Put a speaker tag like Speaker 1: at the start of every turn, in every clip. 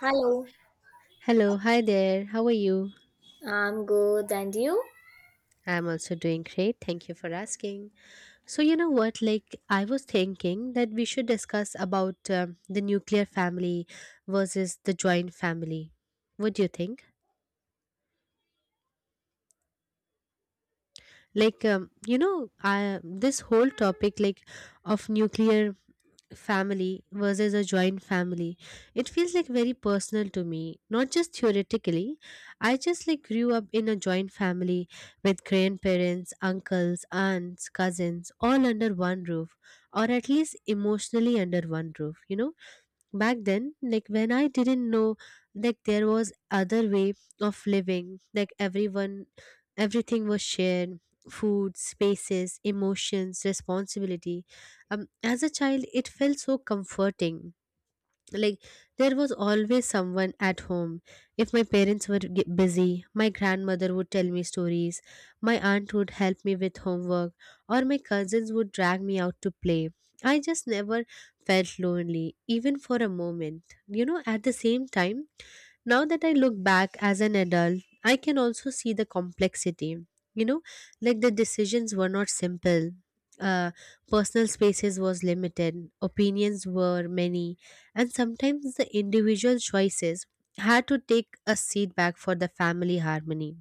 Speaker 1: Hello,
Speaker 2: Hello, hi there. How are you?
Speaker 1: I'm good, and you?
Speaker 2: I'm also doing great. Thank you for asking. So, you know what? I was thinking that we should discuss about the nuclear family versus the joint family. What do you think? This whole topic, of nuclear family versus a joint family, it feels like very personal to me, not just theoretically. I just grew up in a joint family with grandparents, uncles, aunts, cousins, all under one roof, or at least emotionally under one roof, you know. Back then, when I didn't know there was other way of living, like everyone everything was shared. Food, spaces, emotions, responsibility. As a child, it felt so comforting. like there was always someone at home. If my parents were busy, my grandmother would tell me stories, my aunt would help me with homework, or my cousins would drag me out to play. I just never felt lonely even for a moment, you know. At the same time, now that I look back as an adult, I can also see the complexity. You know, like the decisions were not simple. Uh, Personal spaces was limited. Opinions were many, and sometimes the individual choices had to take a seat back for the family harmony.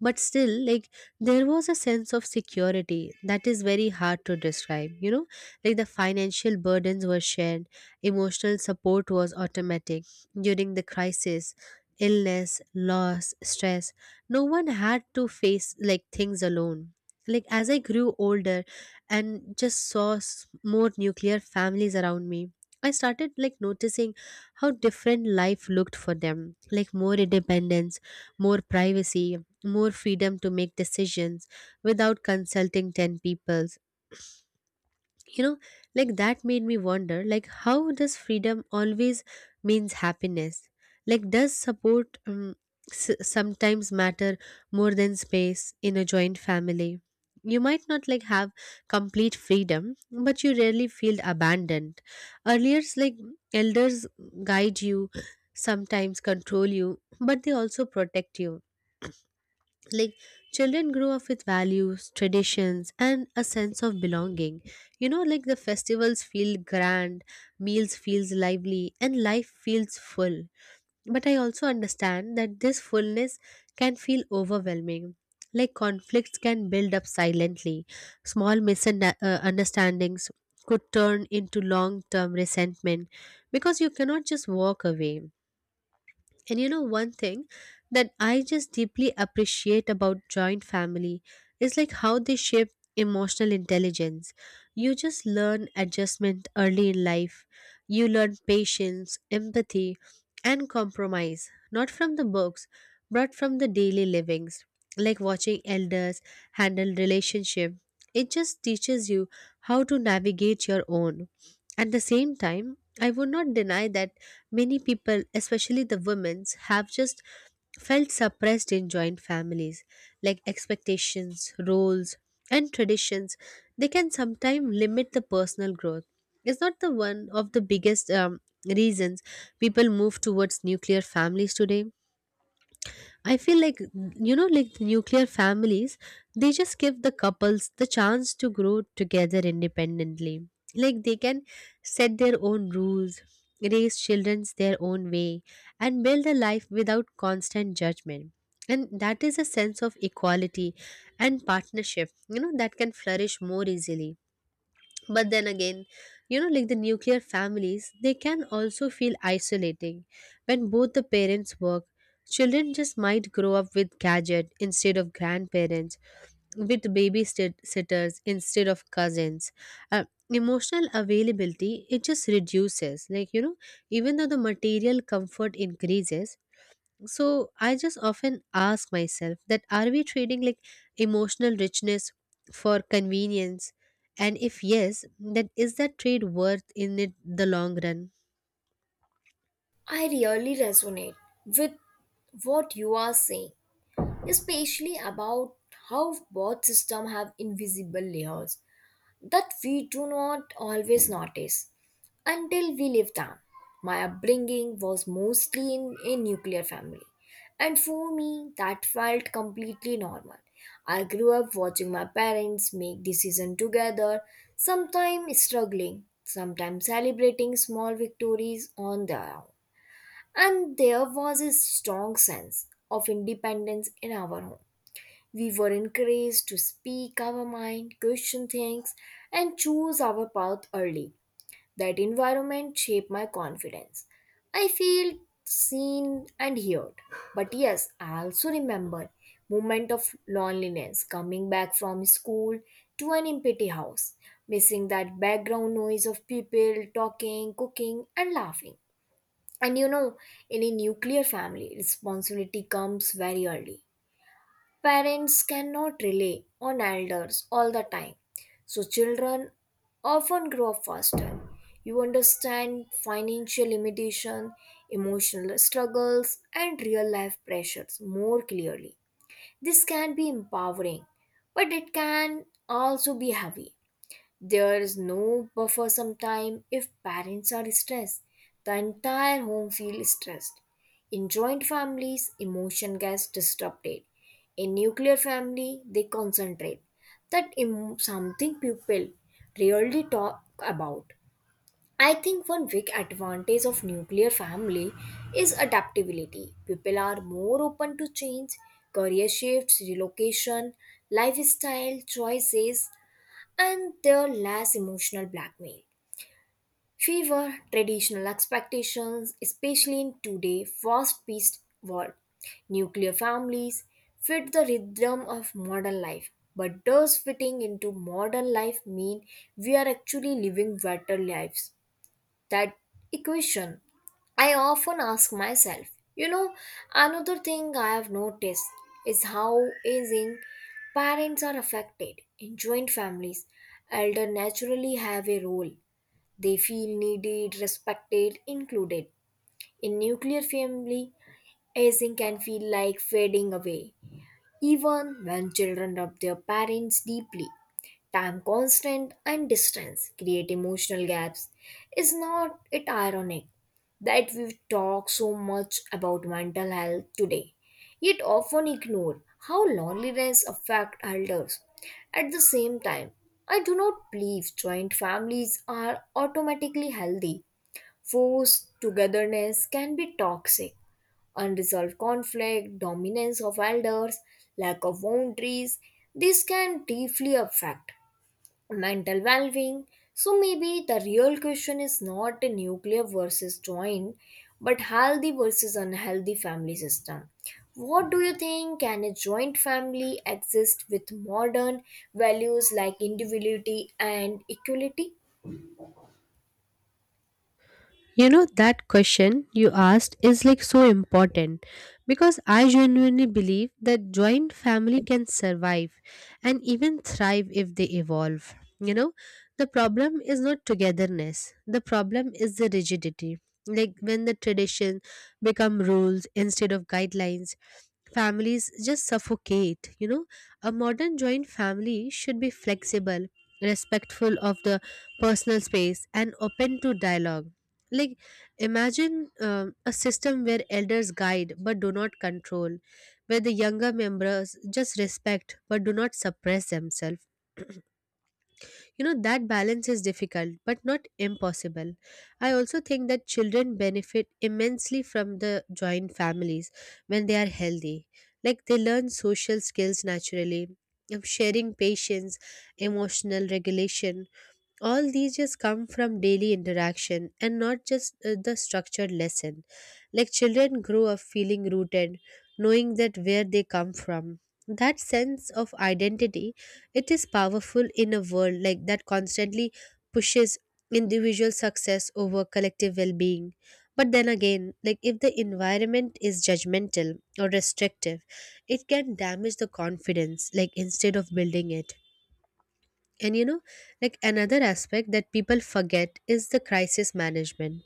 Speaker 2: But still, there was a sense of security that is very hard to describe, you know. Like the financial burdens were shared, emotional support was automatic. During the crisis, illness, loss, stress, no one had to face things alone. Like as I grew older and just saw more nuclear families around me, I started noticing how different life looked for them. Like more independence, more privacy, more freedom to make decisions without consulting 10 people, you know. Like that made me wonder, like how does freedom always means happiness? Like does support sometimes matter more than space? In a joint family, you might not have complete freedom, but you rarely feel abandoned. Earlier, like elders guide you, sometimes control you, but they also protect you. Like children grow up with values, traditions, and a sense of belonging. You know, like the festivals feel grand, meals feels lively, and life feels full. But I also understand that this fullness can feel overwhelming. Like conflicts can build up silently. Small misunderstandings could turn into long term resentment because you cannot just walk away. And you know, one thing that I just deeply appreciate about joint family is like how they shape emotional intelligence. You just learn adjustment early in life, you learn patience, empathy, and compromise, not from the books, but from the daily livings, like watching elders handle relationship. It just teaches you how to navigate your own. At the same time, I would not deny that many people, especially the women, have just felt suppressed in joint families, like expectations, roles, and traditions. They can sometimes limit the personal growth. Is not the one of the biggest reasons people move towards nuclear families today? I feel like, you know, like the nuclear families, they just give the couples the chance to grow together independently. Like they can set their own rules, raise children their own way, and build a life without constant judgment. And that is a sense of equality and partnership, you know, that can flourish more easily. But then again, you know, like the nuclear families, they can also feel isolating. When both the parents work, children just might grow up with gadget instead of grandparents, with babysitters instead of cousins. Emotional availability, it just reduces, like you know, even though the material comfort increases. So I just often ask myself that are we trading emotional richness for convenience? And if yes, then is that trade worth in it the long run?
Speaker 1: I really resonate with what you are saying, especially about how both systems have invisible layers that we do not always notice until we live them. My upbringing was mostly in a nuclear family, and for me, that felt completely normal. I grew up watching my parents make decisions together, sometimes struggling, sometimes celebrating small victories on their own. And there was a strong sense of independence in our home. We were encouraged to speak our mind, question things, and choose our path early. That environment shaped my confidence. I feel seen and heard. But yes, I also remember moment of loneliness coming back from school to an empty house, missing that background noise of people talking, cooking, and laughing. And you know, in a nuclear family, responsibility comes very early. Parents cannot rely on elders all the time, so children often grow up faster. You understand financial limitation, emotional struggles, and real life pressures more clearly. This can be empowering, but it can also be heavy. There is no buffer sometime if parents are stressed. The entire home feels stressed. In joint families, emotion gets disrupted. In nuclear family, they concentrate. Something people rarely talk about. I think one big advantage of nuclear family is adaptability. People are more open to change, career shifts, relocation, lifestyle choices and their less emotional blackmail. Fewer traditional expectations, especially in today's fast-paced world. Nuclear families fit the rhythm of modern life, but does fitting into modern life mean we are actually living better lives? That equation I often ask myself, you know. Another thing I have noticed is how aging parents are affected in joint families. Elder naturally have a role. They feel needed, respected, included. In nuclear family, aging can feel like fading away, even when children love their parents deeply. Time constant and distance create emotional gaps. Is not it ironic that we talk so much about mental health today, yet often ignore how loneliness affects elders? At the same time, I do not believe joint families are automatically healthy. Forced togetherness can be toxic. Unresolved conflict, dominance of elders, lack of boundaries, this can deeply affect mental well-being. So maybe the real question is not a nuclear versus joint, but healthy versus unhealthy family system. What do you think? Can a joint family exist with modern values like individuality and equality?
Speaker 2: You know, that question you asked is like so important because I genuinely believe that joint family can survive and even thrive if they evolve. You know, the problem is not togetherness, the problem is the rigidity. Like when the tradition become rules instead of guidelines, families just suffocate. You know, a modern joint family should be flexible, respectful of the personal space, and open to dialogue. like, imagine a system where elders guide but do not control, where the younger members just respect but do not suppress themselves. You know, that balance is difficult but not impossible. I also think that children benefit immensely from the joint families when they are healthy. Like, they learn social skills naturally, of sharing patience, emotional regulation. All these just come from daily interaction and not just the structured lesson. Like children grow up feeling rooted, knowing that where they come from. That sense of identity, it is powerful in a world that constantly pushes individual success over collective well-being. But then again, like if the environment is judgmental or restrictive, it can damage the confidence, like instead of building it. And you know, like another aspect that people forget is the crisis management.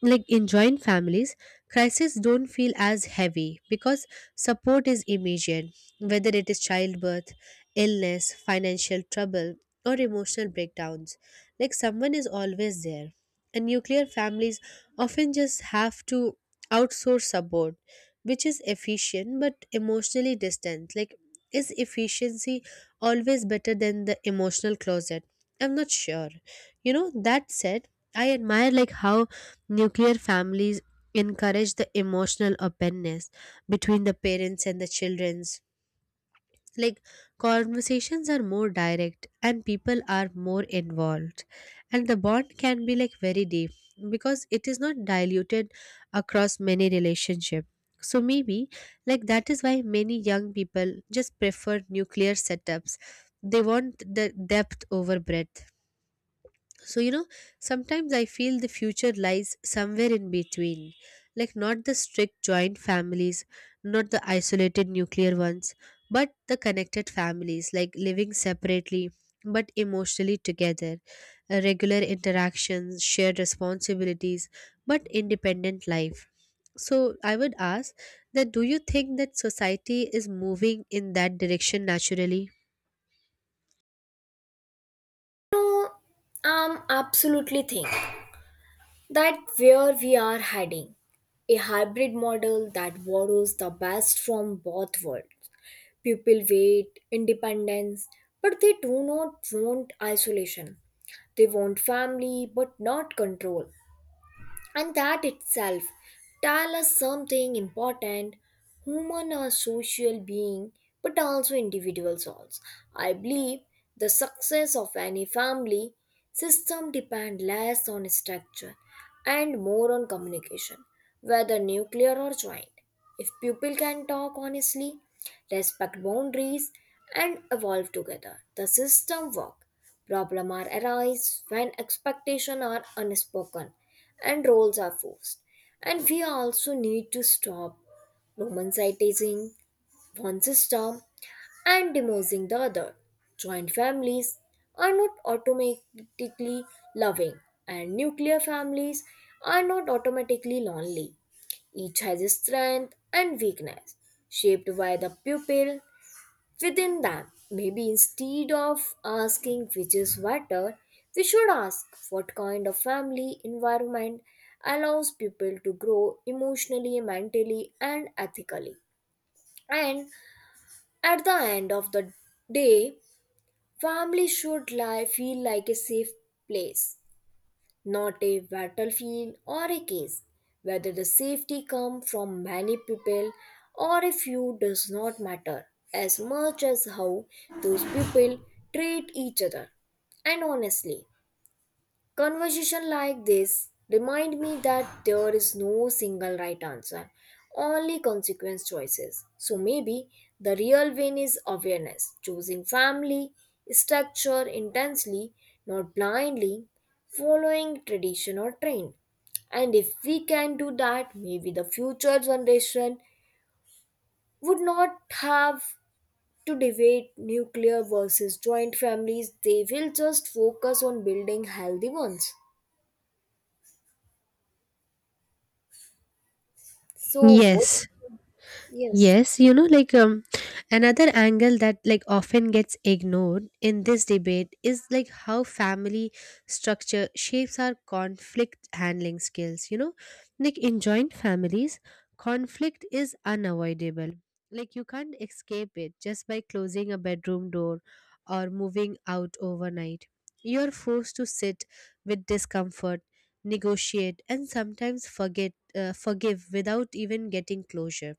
Speaker 2: Like in joint families, crises don't feel as heavy because support is immediate, whether it is childbirth, illness, financial trouble, or emotional breakdowns. Like someone is always there. And nuclear families often just have to outsource support, which is efficient but emotionally distant. Like is efficiency always better than the emotional closet? I'm not sure. You know, that said, I admire how nuclear families encourage the emotional openness between the parents and the children's. Like conversations are more direct and people are more involved. And the bond can be like very deep because it is not diluted across many relationships. So maybe that is why many young people just prefer nuclear setups. They want the depth over breadth. So, you know, sometimes I feel the future lies somewhere in between. Like, not the strict joint families, not the isolated nuclear ones, but the connected families, like living separately but emotionally together. Regular interactions, shared responsibilities, but independent life. So, I would ask that do you think that society is moving in that direction naturally?
Speaker 1: No, I'm absolutely think that where we are heading, a hybrid model that borrows the best from both worlds. People wait independence, but they do not want isolation. They want family, but not control, and that itself tell us something important. Human are social being, but also individuals also. I believe the success of any family system depend less on structure and more on communication. Whether nuclear or joint, if people can talk honestly, respect boundaries, and evolve together, the system work. Problems are arise when expectations are unspoken and roles are forced. And we also need to stop romanticizing one system and demonizing the other. Joint families are not automatically loving, and nuclear families are not automatically lonely. Each has a strength and weakness, shaped by the pupil within them. Maybe instead of asking which is better, we should ask what kind of family environment allows people to grow emotionally, mentally, and ethically. And at the end of the day, family should lie, feel like a safe place, not a battlefield or a case. Whether the safety comes from many people or a few does not matter as much as how those people treat each other. And honestly, conversation like this remind me that there is no single right answer, only consequence choices. So maybe the real win is awareness, choosing family, structure intensely, not blindly, following tradition or trend. And if we can do that, maybe the future generation would not have to debate nuclear versus joint families. They will just focus on building healthy ones. So, what?
Speaker 2: Yes.
Speaker 1: Yes,
Speaker 2: Yes, you know, another angle that often gets ignored in this debate is like how family structure shapes our conflict handling skills. You know, like in joint families, conflict is unavoidable. Like you can't escape it just by closing a bedroom door or moving out overnight. You're forced to sit with discomfort, negotiate, and sometimes forgive without even getting closure.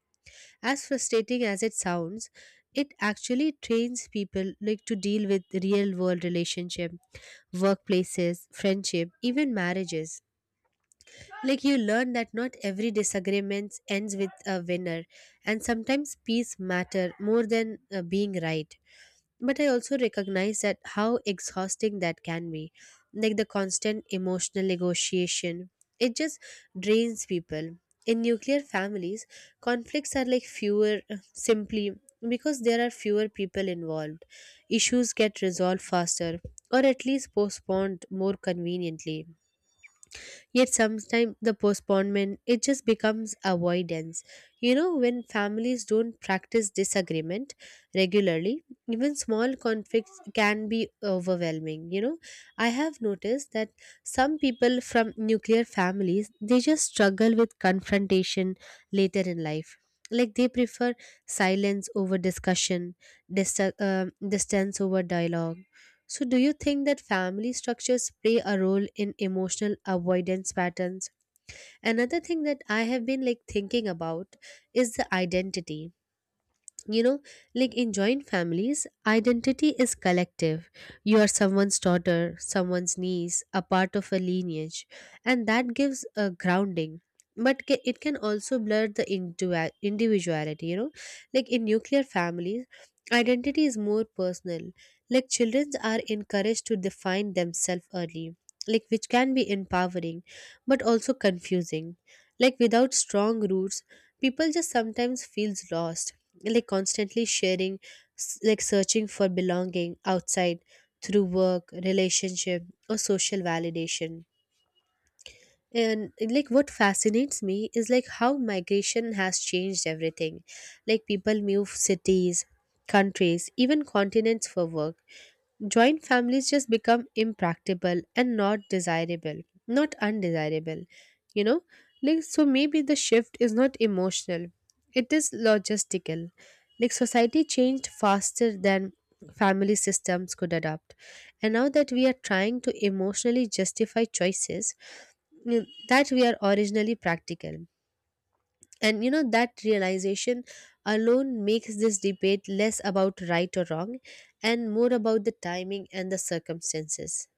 Speaker 2: As frustrating as it sounds, it actually trains people to deal with real world relationship, workplaces, friendship, even marriages. Like you learn that not every disagreement ends with a winner, and sometimes peace matter more than being right. But I also recognize that how exhausting that can be, like the constant emotional negotiation, it just drains people. In nuclear families, conflicts are like fewer, simply because there are fewer people involved. Issues get resolved faster, or at least postponed more conveniently. Yet sometimes the postponement, it just becomes avoidance. You know, when families don't practice disagreement regularly, even small conflicts can be overwhelming. You know, I have noticed that some people from nuclear families, they just struggle with confrontation later in life. Like they prefer silence over discussion, distance over dialogue. So, do you think that family structures play a role in emotional avoidance patterns? Another thing that I have been thinking about is the identity. You know, like in joint families, identity is collective. You are someone's daughter, someone's niece, a part of a lineage, and that gives a grounding. But it can also blur the individuality, you know. Like in nuclear families, identity is more personal. Like children are encouraged to define themselves early, like which can be empowering but also confusing. Like without strong roots, people just sometimes feels lost, like constantly like searching for belonging outside through work relationship or social validation. And what fascinates me is like how migration has changed everything. Like people move cities, countries, even continents for work. Joint families just become impractical and not desirable, not undesirable, you know. Like, so maybe the shift is not emotional, it is logistical. Like society changed faster than family systems could adapt. And now that we are trying to emotionally justify choices that we are originally practical. And you know, that realization alone makes this debate less about right or wrong and more about the timing and the circumstances.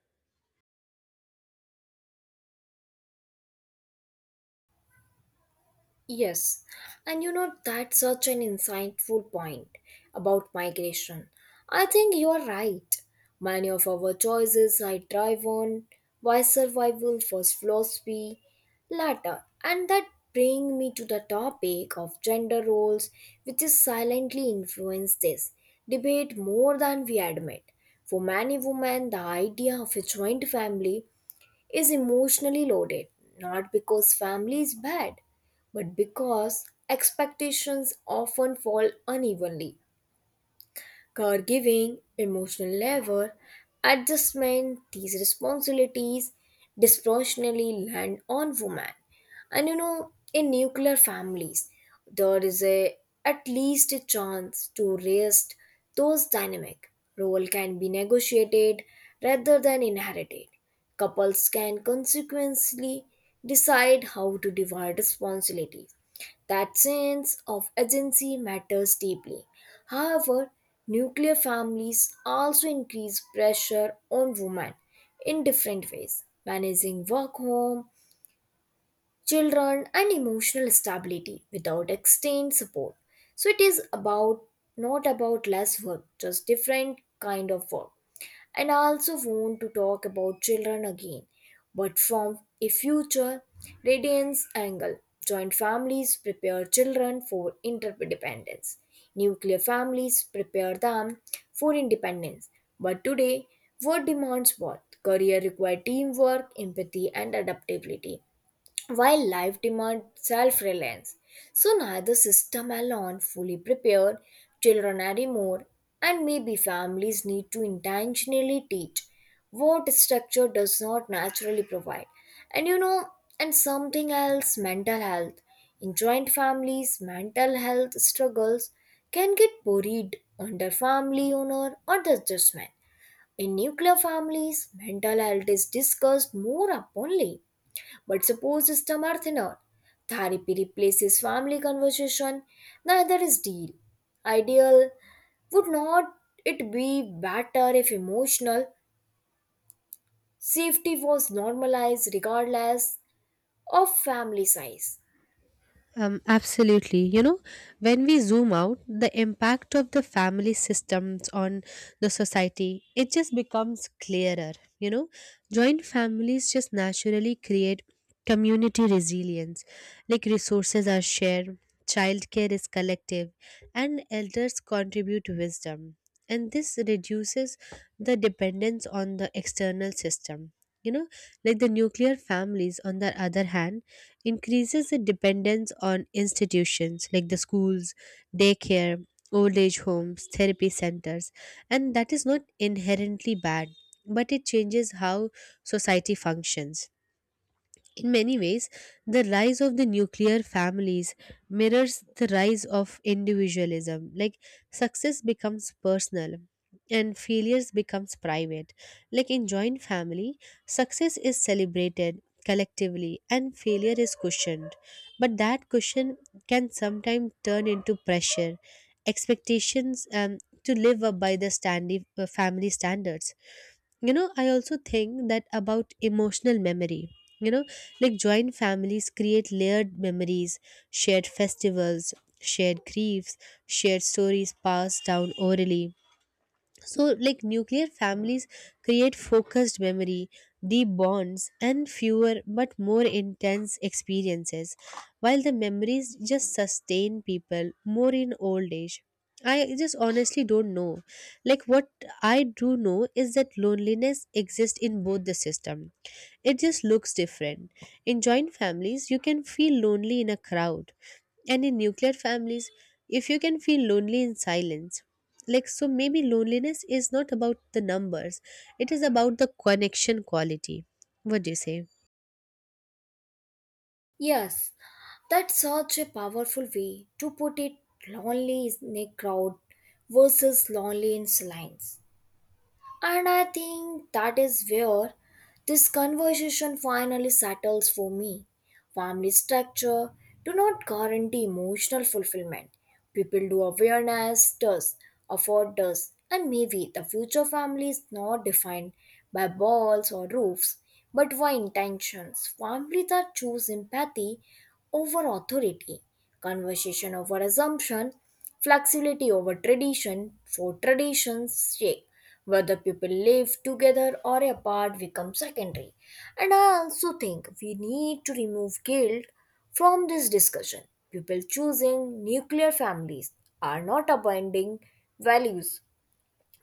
Speaker 1: yes. And you know, that's such an insightful point about migration. I think you are right. Many of our choices are driven by survival first philosophy latter. And that brings me to the topic of gender roles, which is silently influenced this debate more than we admit. For many women, the idea of a joint family is emotionally loaded, not because family is bad, but because expectations often fall unevenly caregiving, emotional labor, adjustment, these responsibilities disproportionately land on women. And you know, in nuclear families, there is a at least a chance to rest those dynamic. Role can be negotiated rather than inherited. Couples can consequently decide how to divide responsibilities. That sense of agency matters deeply. However, nuclear families also increase pressure on women in different ways, managing work, home, children, and emotional stability without extended support. So it is about not about less work, just different kind of work. And I also want to talk about children again, but from a future radiance angle. Joint families prepare children for interdependence. Nuclear families prepare them for independence. But today, work demands what? Career requires teamwork, empathy, and adaptability while life demands self-reliance. So neither system alone fully prepared children anymore, and maybe families need to intentionally teach what structure does not naturally provide. And you know, and something else, mental health. In joint families, mental health struggles can get buried under family honor or the judgment. In nuclear families, mental health is discussed more openly but suppose systems are thinner. Therapy replaces family conversation, neither is deal. Ideal, would not it be better if emotional safety was normalized regardless of family size?
Speaker 2: Absolutely. You know, when we zoom out, the impact of the family systems on the society, it just becomes clearer. You know, joint families just naturally create community resilience. Like resources are shared, childcare is collective, and elders contribute wisdom. And this reduces the dependence on the external system. You know, like the nuclear families, on the other hand, increases the dependence on institutions like the schools, daycare, old age homes, therapy centers, and that is not inherently bad, but it changes how society functions. In many ways, the rise of the nuclear families mirrors the rise of individualism. Like success becomes personal and failures becomes private. Like in joint family, success is celebrated collectively and failure is cushioned. But that cushion can sometimes turn into pressure, expectations to live up by the family standards. You know, I also think that about emotional memory. You know, like joint families create layered memories, shared festivals, shared griefs, shared stories passed down orally. So, like nuclear families create focused memory, deep bonds, and fewer but more intense experiences, while the memories just sustain people more in old age. I just honestly don't know. Like, what I do know is that loneliness exists in both the system. It just looks different. In joint families, you can feel lonely in a crowd, and in nuclear families, if you can feel lonely in silence, like so, maybe loneliness is not about the numbers, it is about the connection quality. What do you say?
Speaker 1: Yes, that's such a powerful way to put it, lonely in a crowd versus lonely in silence. And I think that is where this conversation finally settles for me. Family structure do not guarantee emotional fulfillment. People do, awareness does, afford does, and maybe the future family is not defined by walls or roofs, but by intentions. Family that choose empathy over authority, conversation over assumption, flexibility over tradition, for tradition's sake. Whether people live together or apart becomes secondary. And I also think we need to remove guilt from this discussion. People choosing nuclear families are not abandoning values.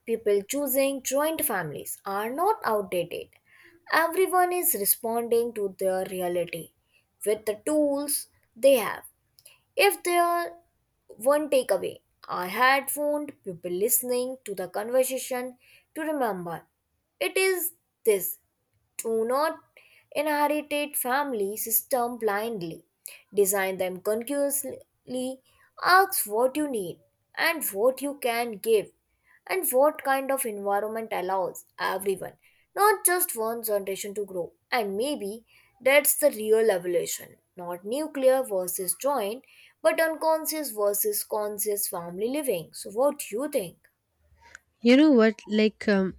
Speaker 1: People choosing joint families are not outdated. Everyone is responding to their reality with the tools they have. If there are one takeaway I had found people listening to the conversation to remember, it is this: do not inherit family system blindly. Design them consciously. Ask what you need and what you can give and what kind of environment allows everyone, not just one generation, to grow. And maybe that's the real evolution, not nuclear versus joint, but unconscious versus conscious family living. So what do you think?
Speaker 2: You know what?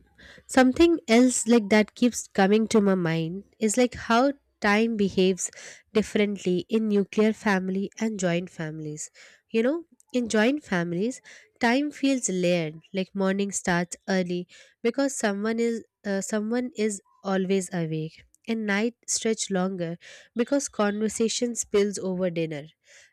Speaker 2: Something else like that keeps coming to my mind is like how time behaves differently in nuclear family and joint families. You know, in joint families, time feels layered. Like morning starts early because someone is always awake. And night stretch longer because conversation spills over dinner.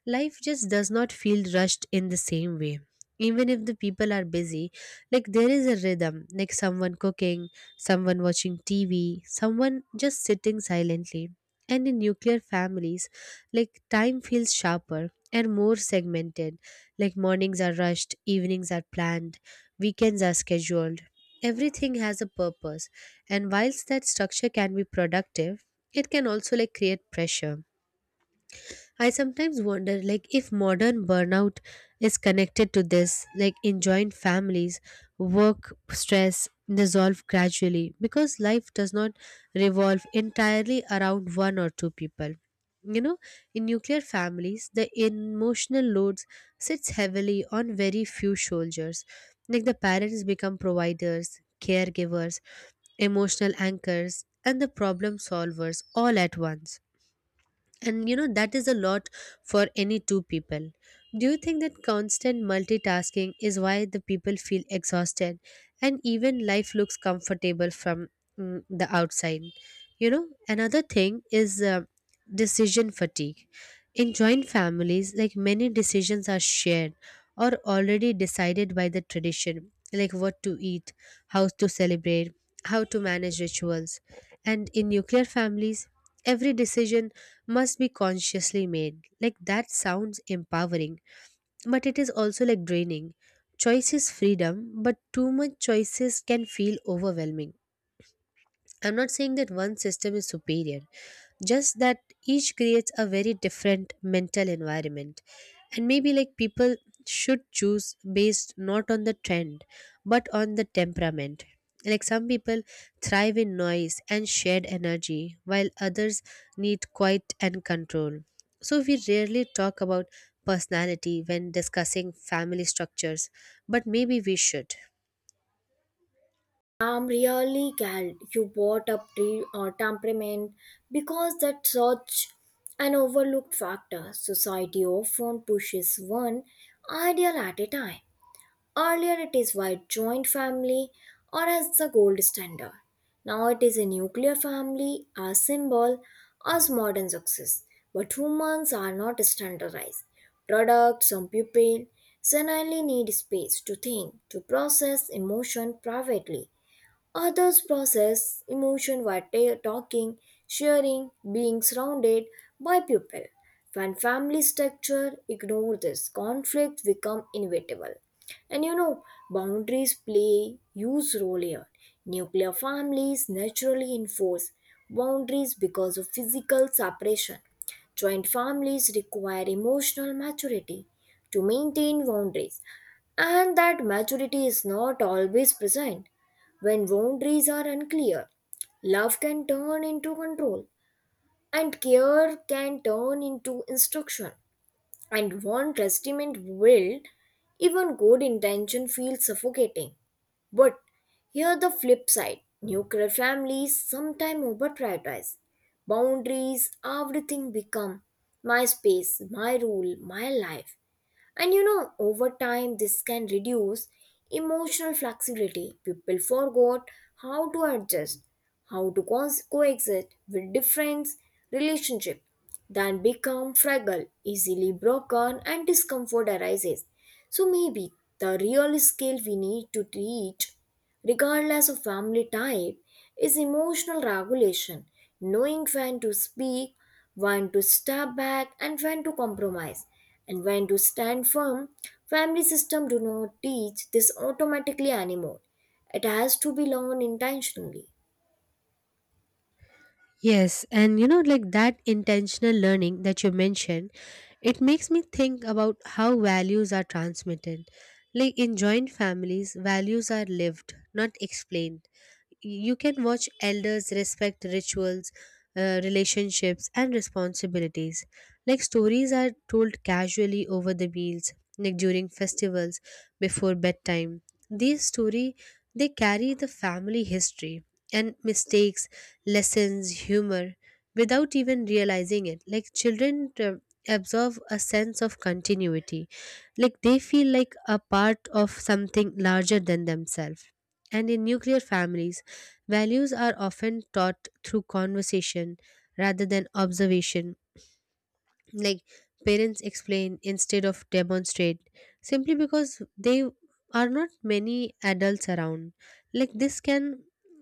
Speaker 2: Life just does not feel rushed in the same way. Even if the people are busy, like there is a rhythm, like someone cooking, someone watching tv, someone just sitting silently. And in nuclear families, like time feels sharper and more segmented, like mornings are rushed, evenings are planned, weekends are scheduled, everything has a purpose. And whilst that structure can be productive, it can also like create pressure. I sometimes wonder like if modern burnout is connected to this, like in joint families, work stress dissolve gradually because life does not revolve entirely around one or two people. You know, in nuclear families, the emotional loads sits heavily on very few shoulders. Like the parents become providers, caregivers, emotional anchors, and the problem solvers all at once, and you know, that is a lot for any two people. Do you think that constant multitasking is why the people feel exhausted and even life looks comfortable from the outside? You know, another thing is decision fatigue. In joint families, like many decisions are shared or already decided by the tradition, like what to eat, how to celebrate, how to manage rituals. And in nuclear families, every decision must be consciously made. Like that sounds empowering, but it is also like draining. Choice is freedom, but too much choices can feel overwhelming. I'm not saying that one system is superior, just that each creates a very different mental environment. And maybe like people should choose based not on the trend, but on the temperament. Like some people thrive in noise and shared energy, while others need quiet and control. So we rarely talk about personality when discussing family structures, but maybe we should.
Speaker 1: I'm really glad you brought up temperament because that's such an overlooked factor. Society often pushes one ideal at a time. Earlier, it is why joint family or as the gold standard. Now it is a nuclear family, a symbol, as modern success. But humans are not standardized. Products, some people, suddenly need space to think, to process emotion privately. Others process emotion while talking, sharing, being surrounded by people. When family structure ignore this, conflicts become inevitable. And you know, boundaries play huge role here. Nuclear families naturally enforce boundaries because of physical separation. Joint families require emotional maturity to maintain boundaries, and that maturity is not always present. When boundaries are unclear, love can turn into control, and care can turn into instruction. And one testament will, even good intention feels suffocating. But here the flip side, nuclear families sometimes over prioritize boundaries, everything become my space, my rule, my life. And you know, over time, this can reduce emotional flexibility. People forgot how to adjust, how to coexist with different relationships. Then become fragile, easily broken, and discomfort arises. So maybe the real skill we need to teach, regardless of family type, is emotional regulation, knowing when to speak, when to step back, and when to compromise, and when to stand firm. Family system do not teach this automatically anymore. It has to be learned intentionally.
Speaker 2: Yes, and you know, like that intentional learning that you mentioned, it makes me think about how values are transmitted. Like in joint families, values are lived, not explained. You can watch elders respect rituals, relationships, and responsibilities. Like stories are told casually over the meals, like during festivals, before bedtime. These story, they carry the family history and mistakes, lessons, humor, without even realizing it. Like children, absorb a sense of continuity, like they feel like a part of something larger than themselves. And in nuclear families, values are often taught through conversation rather than observation, like parents explain instead of demonstrate, simply because they are not many adults around. Like this can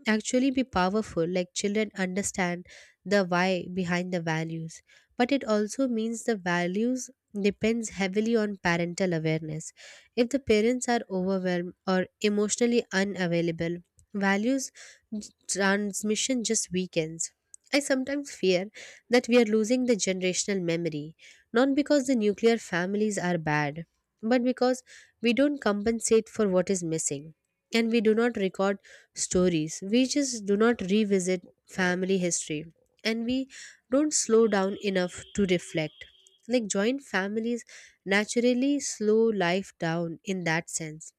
Speaker 2: actually be powerful, like children understand the why behind the values, but it also means the values depends heavily on parental awareness. If the parents are overwhelmed or emotionally unavailable, values transmission just weakens. I sometimes fear that we are losing the generational memory, not because the nuclear families are bad, but because we don't compensate for what is missing. And we do not record stories, we just do not revisit family history, and we don't slow down enough to reflect. Like joint families naturally slow life down in that sense.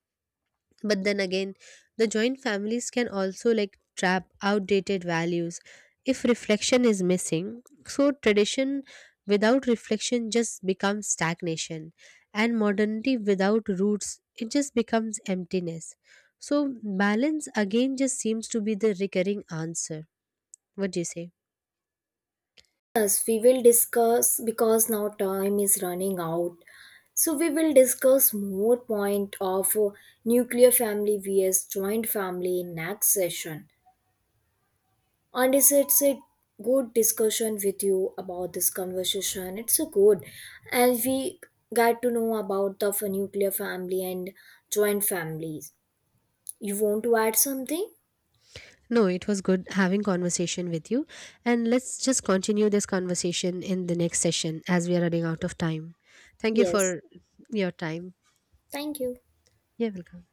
Speaker 2: But then again, the joint families can also like trap outdated values if reflection is missing. So tradition without reflection just becomes stagnation, and modernity without roots, it just becomes emptiness. So balance again just seems to be the recurring answer. What do you say?
Speaker 1: Yes, we will discuss because now time is running out. So we will discuss more point of nuclear family vs joint family in next session. And it's a good discussion with you. About this conversation, it's so good, and we got to know about the nuclear family and joint families. You want to add something?
Speaker 2: No, it was good having conversation with you, and let's just continue this conversation in the next session as we are running out of time. Thank you
Speaker 1: Yes,
Speaker 2: for your time.
Speaker 1: thank you.
Speaker 2: Yeah, welcome.